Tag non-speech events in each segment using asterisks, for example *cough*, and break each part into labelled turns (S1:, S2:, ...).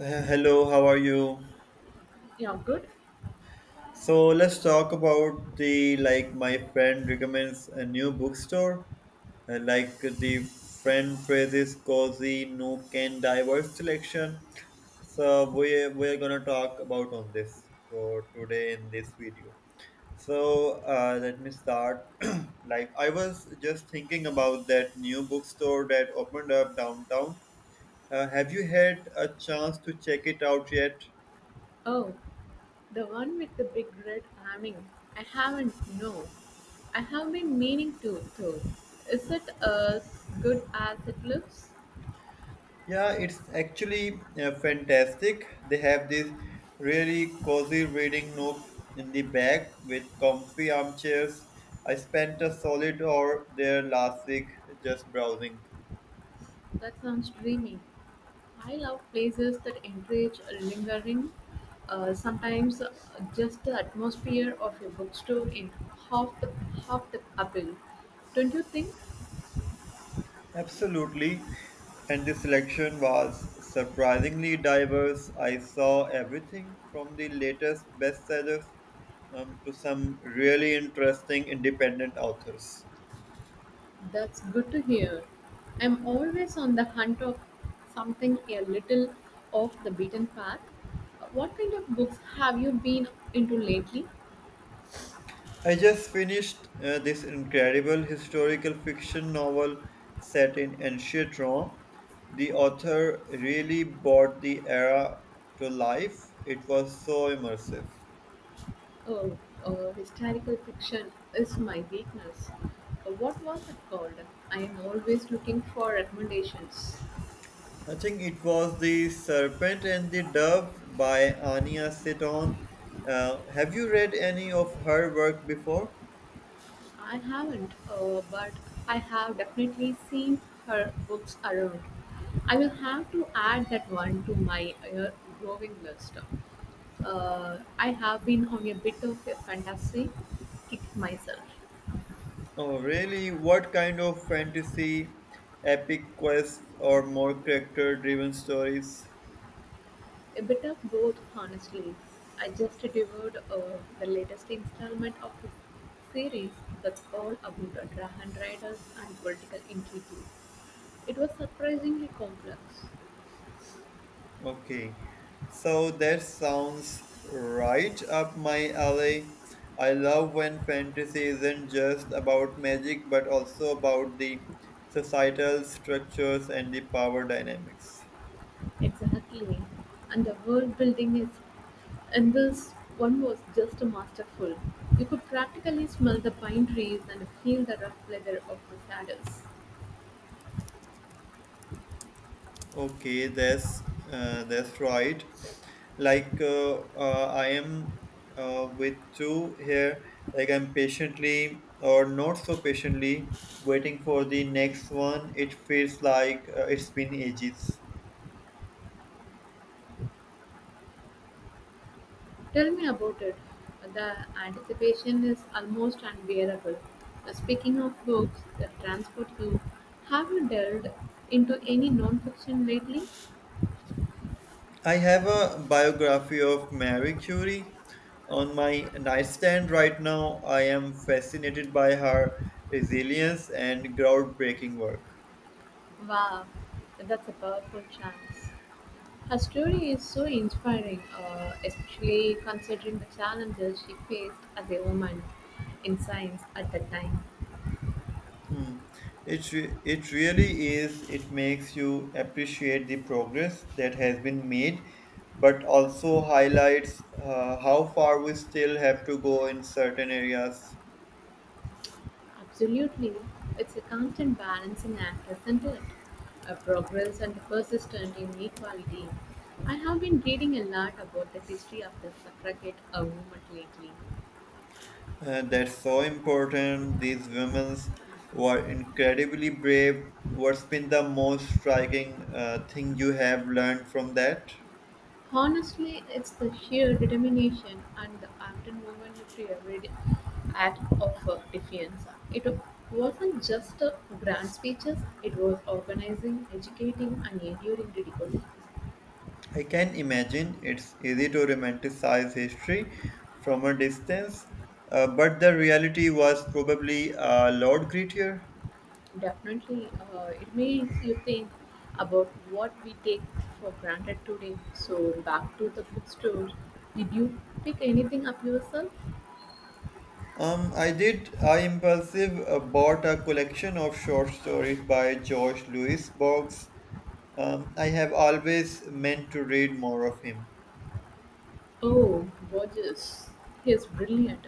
S1: Hello, how are you?
S2: Yeah, good.
S1: So let's talk about the, like, my friend recommends a new bookstore. The friend phrases cozy, nook and diverse selection. So we're gonna talk about on this for today in this video. So let me start. *clears throat* Like I was just thinking about that new bookstore that opened up downtown. Have you had a chance to check it out yet?
S2: Oh, the one with the big red awning. I haven't. No, I have been meaning to. Though, is it as good as it looks?
S1: Yeah, it's actually fantastic. They have this really cozy reading nook in the back with comfy armchairs. I spent a solid hour there last week just browsing.
S2: That sounds dreamy. I love places that encourage lingering. Sometimes just the atmosphere of a bookstore in half the half the appeal. Don't you think?
S1: Absolutely. And the selection was surprisingly diverse. I saw everything from the latest bestsellers to some really interesting independent authors.
S2: That's good to hear. I'm always on the hunt of something a little off the beaten path. What kind of books have you been into lately?
S1: I just finished this incredible historical fiction novel set in ancient Rome. The author really brought the era to life. It was so immersive.
S2: Oh, historical fiction is my weakness. What was it called? I am always looking for recommendations.
S1: I think it was The Serpent and the Dove by Ania Seton. Have you read any of her work before?
S2: I haven't, but I have definitely seen her books around. I will have to add that one to my growing list. I have been on a bit of a fantasy kick myself.
S1: Oh, really? What kind of fantasy, epic quests, or more character driven stories?
S2: A bit of both, honestly. I just devoured the latest installment of a series that's all about dragon riders and political intrigue. It was surprisingly complex.
S1: Okay, so that sounds right up my alley. I love when fantasy isn't just about magic but also about the societal structures and the power dynamics.
S2: Exactly. And the world building is in this one was just masterful. You could practically smell the pine trees and feel the rough leather of the saddles.
S1: Okay, that's right. Like I am with two here. Like I'm patiently or not so patiently waiting for the next one. It feels like it's been ages.
S2: Tell me about it. The anticipation is almost unbearable. Speaking of books that transport you, have you delved into any non-fiction lately?
S1: I have a biography of Marie Curie on my nightstand right now. I am fascinated by her resilience and groundbreaking work.
S2: Wow, that's a powerful chance. Her story is so inspiring, especially considering the challenges she faced as a woman in science at that time.
S1: Hmm. It really is. It makes you appreciate the progress that has been made, but also highlights how far we still have to go in certain areas.
S2: Absolutely, it's a constant balancing act, isn't it? A progress and persistent inequality. I have been reading a lot about the history of the suffragette movement lately.
S1: That's so important. These women were incredibly brave. What's been the most striking thing you have learned from that?
S2: Honestly, it's the sheer determination and the unwoven every act of defiance. It wasn't just grand speeches, it was organizing, educating, and enduring ridicule.
S1: I can imagine it's easy to romanticize history from a distance, but the reality was probably a lot grittier.
S2: Definitely, it makes you think about what we take for granted today. So, back to the bookstore. Did you pick anything up yourself?
S1: I did. I impulsive bought a collection of short stories by George Louis Borges. I have always meant to read more of him.
S2: Oh, Borges. He's brilliant.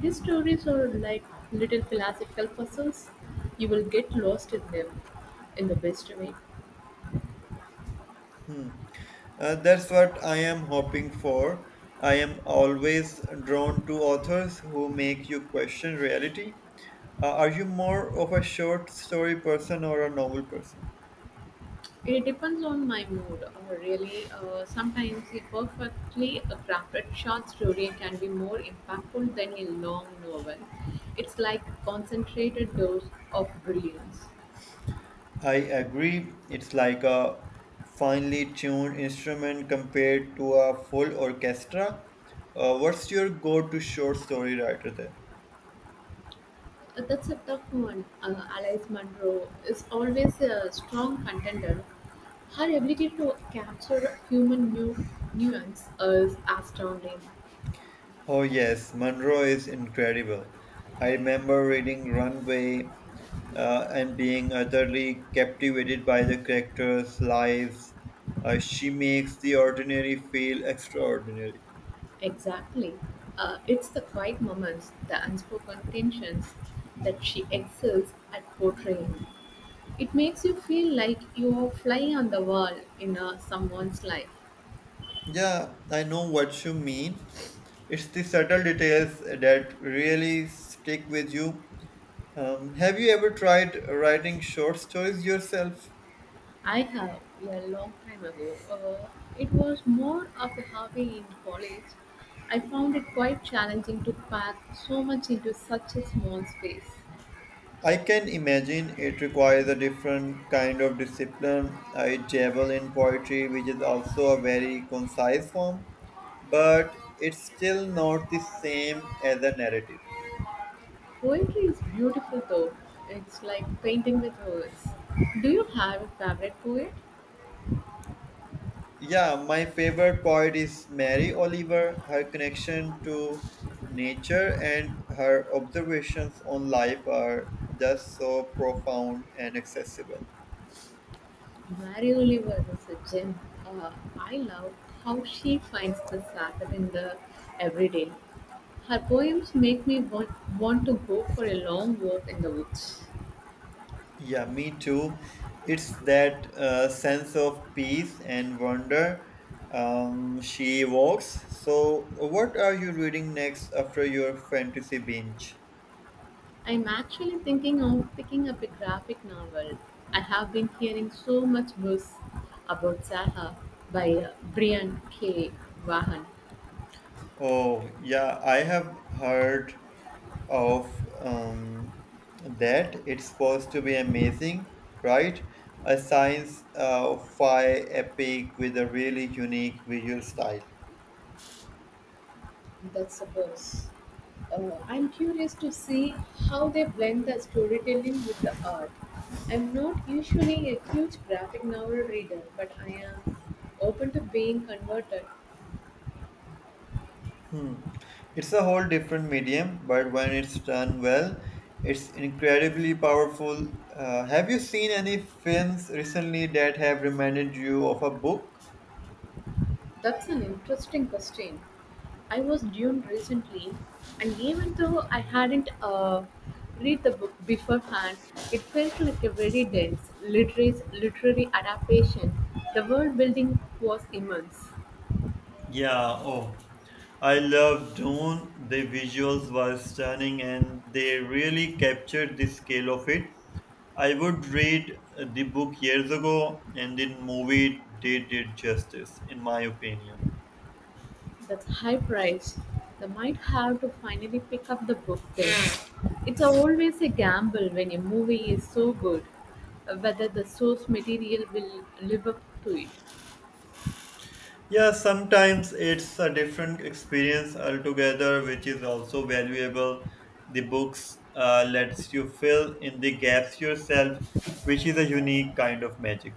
S2: His stories are like little philosophical puzzles. You will get lost in them in the best way.
S1: Hmm. That's what I am hoping for. I am always drawn to authors who make you question reality. Are you more of a short story person or a novel person?
S2: It depends on my mood, or really. Sometimes a perfectly crafted short story can be more impactful than a long novel. It's like a concentrated dose of brilliance.
S1: I agree. It's like a finely tuned instrument compared to a full orchestra. What's your go to short story writer then?
S2: That's a tough one. Alice Munro is always a strong contender. Her ability to capture human nuance is astounding.
S1: Oh, yes, Monroe is incredible. I remember reading Runway and being utterly captivated by the characters' lives. She makes the ordinary feel extraordinary.
S2: Exactly. It's the quiet moments, the unspoken tensions that she excels at portraying. It makes you feel like you are flying on the wall in someone's life.
S1: Yeah, I know what you mean. It's the subtle details that really stick with you. Have you ever tried writing short stories yourself?
S2: I have, yeah, a long time ago. It was more of a hobby in college. I found it quite challenging to pack so much into such a small space.
S1: I can imagine it requires a different kind of discipline. I dabble in poetry, which is also a very concise form, but it's still not the same as a narrative.
S2: Poetry is beautiful though. It's like painting with words. Do you have a favorite poet?
S1: Yeah, my favorite poet is Mary Oliver. Her connection to nature and her observations on life are just so profound and accessible.
S2: Mary Oliver is a gem. Uh, I love how she finds the Sabbath in the everyday. Her poems make me want to go for a long walk in the woods.
S1: Yeah, me too. It's that sense of peace and wonder she evokes. So, what are you reading next after your fantasy binge?
S2: I'm actually thinking of picking up a graphic novel. I have been hearing so much buzz about Zaha by Brian K. Vaughan.
S1: Oh, yeah, I have heard of um, that. It's supposed to be amazing, right? A science fi epic with a really unique visual style.
S2: That's a buzz. I'm curious to see how they blend the storytelling with the art. I'm not usually a huge graphic novel reader, but I am open to being converted.
S1: Hmm. It's a whole different medium, but when it's done well, it's incredibly powerful. Have you seen any films recently that have reminded you of a book?
S2: That's an interesting question. I was dune recently, and even though I hadn't read the book beforehand, it felt like a very dense literary adaptation. The world building was immense.
S1: Yeah, oh, I love Dune. The visuals were stunning and they really captured the scale of it. I would read the book years ago, and the movie did it justice, in my opinion.
S2: That's high price. I might have to finally pick up the book then. It's always a gamble when a movie is so good, whether the source material will live up to it.
S1: Yeah, sometimes it's a different experience altogether, which is also valuable. The books lets you fill in the gaps yourself, which is a unique kind of magic.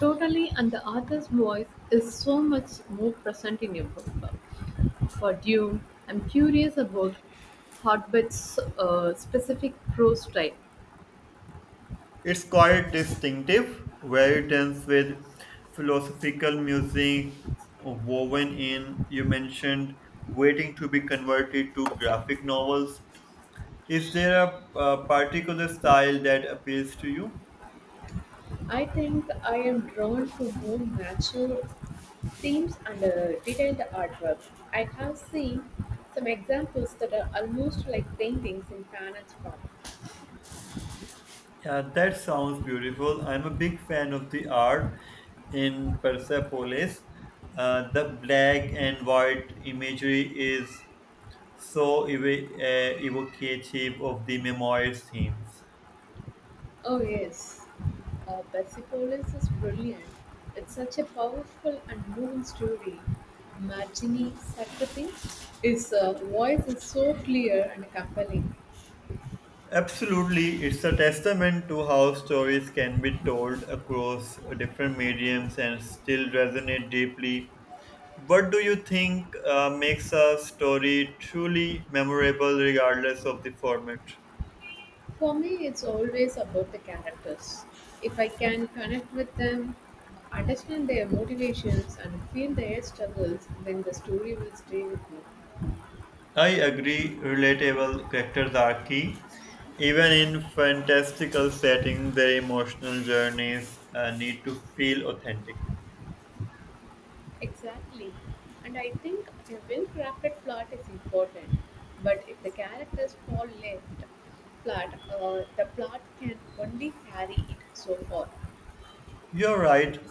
S2: Totally, and the author's voice is so much more present in your book. For Dune, I'm curious about Hogwarts' specific prose style.
S1: It's quite distinctive, very dense with philosophical music woven in. You mentioned waiting to be converted to graphic novels. Is there a particular style that appeals to you?
S2: I think I am drawn to more natural themes and detailed artwork. I have seen some examples that are almost like paintings in panels form.
S1: Yeah, that sounds beautiful. I'm a big fan of the art in Persepolis. The black and white imagery is so ev- evocative of the memoirs themes.
S2: Oh, yes. Persepolis is brilliant. It's such a powerful and moving story. Margini Satrapi, his voice is so clear and compelling.
S1: Absolutely, it's a testament to how stories can be told across different mediums and still resonate deeply. What do you think makes a story truly memorable regardless of the format?
S2: For me, it's always about the characters. If I can connect with them, understand their motivations, and feel their struggles, then the story will stay with me.
S1: I agree, relatable characters are key. Even in fantastical settings, their emotional journeys need to feel authentic.
S2: Exactly. And I think a well crafted plot is important. But if the characters fall left flat, the plot can only carry it so far.
S1: You're right,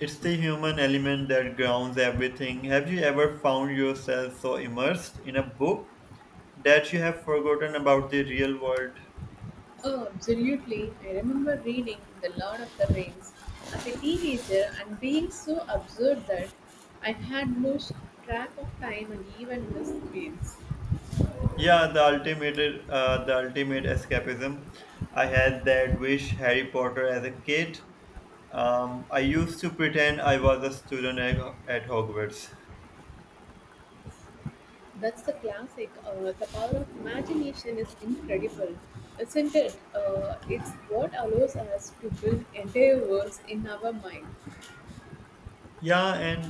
S1: it's the human element that grounds everything. Have you ever found yourself so immersed in a book that you have forgotten about the real world?
S2: Oh, absolutely. I remember reading The Lord of the Rings as a teenager and being so absurd that I had lost track of time and even missed meals.
S1: Yeah, the the ultimate escapism. I had that wish Harry Potter as a kid. I used to pretend I was a student at Hogwarts.
S2: That's the classic. The power of imagination is incredible, isn't it? It's what allows us to build entire worlds in our mind.
S1: Yeah, and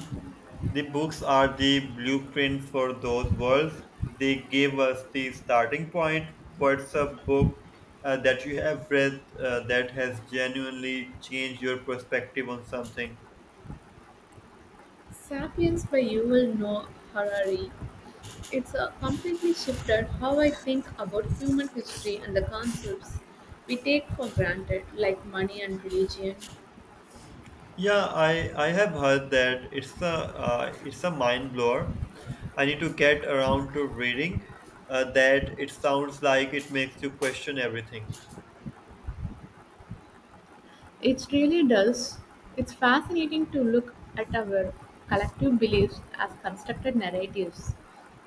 S1: the books are the blueprint for those worlds. They give us the starting point. What's a book that you have read that has genuinely changed your perspective on something?
S2: Sapiens by Yuval Noah Harari. It's completely shifted how I think about human history and the concepts we take for granted, like money and religion.
S1: Yeah, I have heard that it's a, it's a mind blower. I need to get around to reading that. It sounds like it makes you question everything.
S2: It really does. It's fascinating to look at our collective beliefs as constructed narratives.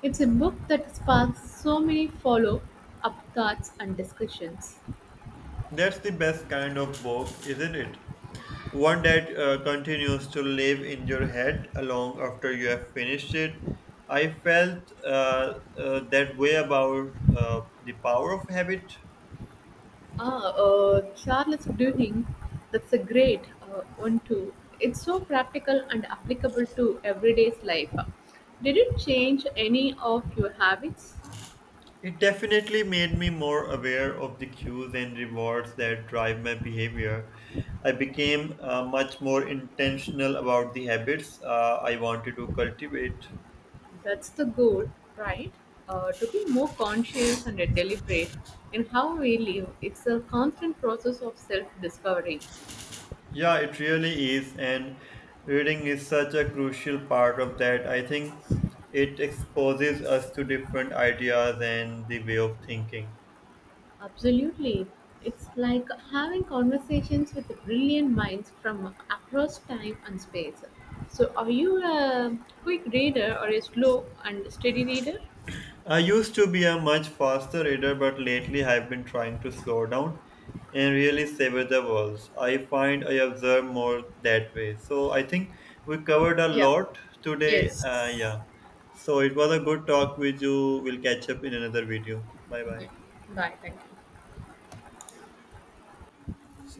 S2: It's a book that sparks so many follow up thoughts and discussions.
S1: That's the best kind of book, isn't it? One that continues to live in your head long after you have finished it. I felt that way about The Power of Habit.
S2: Charles Duhigg, that's a great one too. It's so practical and applicable to everyday's life. Did it change any of your habits?
S1: It definitely made me more aware of the cues and rewards that drive my behavior. I became much more intentional about the habits I wanted to cultivate.
S2: That's the goal, right? To be more conscious and deliberate in how we live. It's a constant process of self discovery.
S1: Yeah, it really is. And reading is such a crucial part of that. I think it exposes us to different ideas and the way of thinking.
S2: Absolutely. It's like having conversations with brilliant minds from across time and space. So, are you a quick reader or a slow and steady reader?
S1: I used to be a much faster reader, but lately I've been trying to slow down and really savor the words. I find I observe more that way. So I think we covered a
S2: Yeah.
S1: lot today.
S2: Yes.
S1: Yeah. So it was a good talk with you. We'll catch up in another video. Bye bye.
S2: Yeah. Bye. Thank you.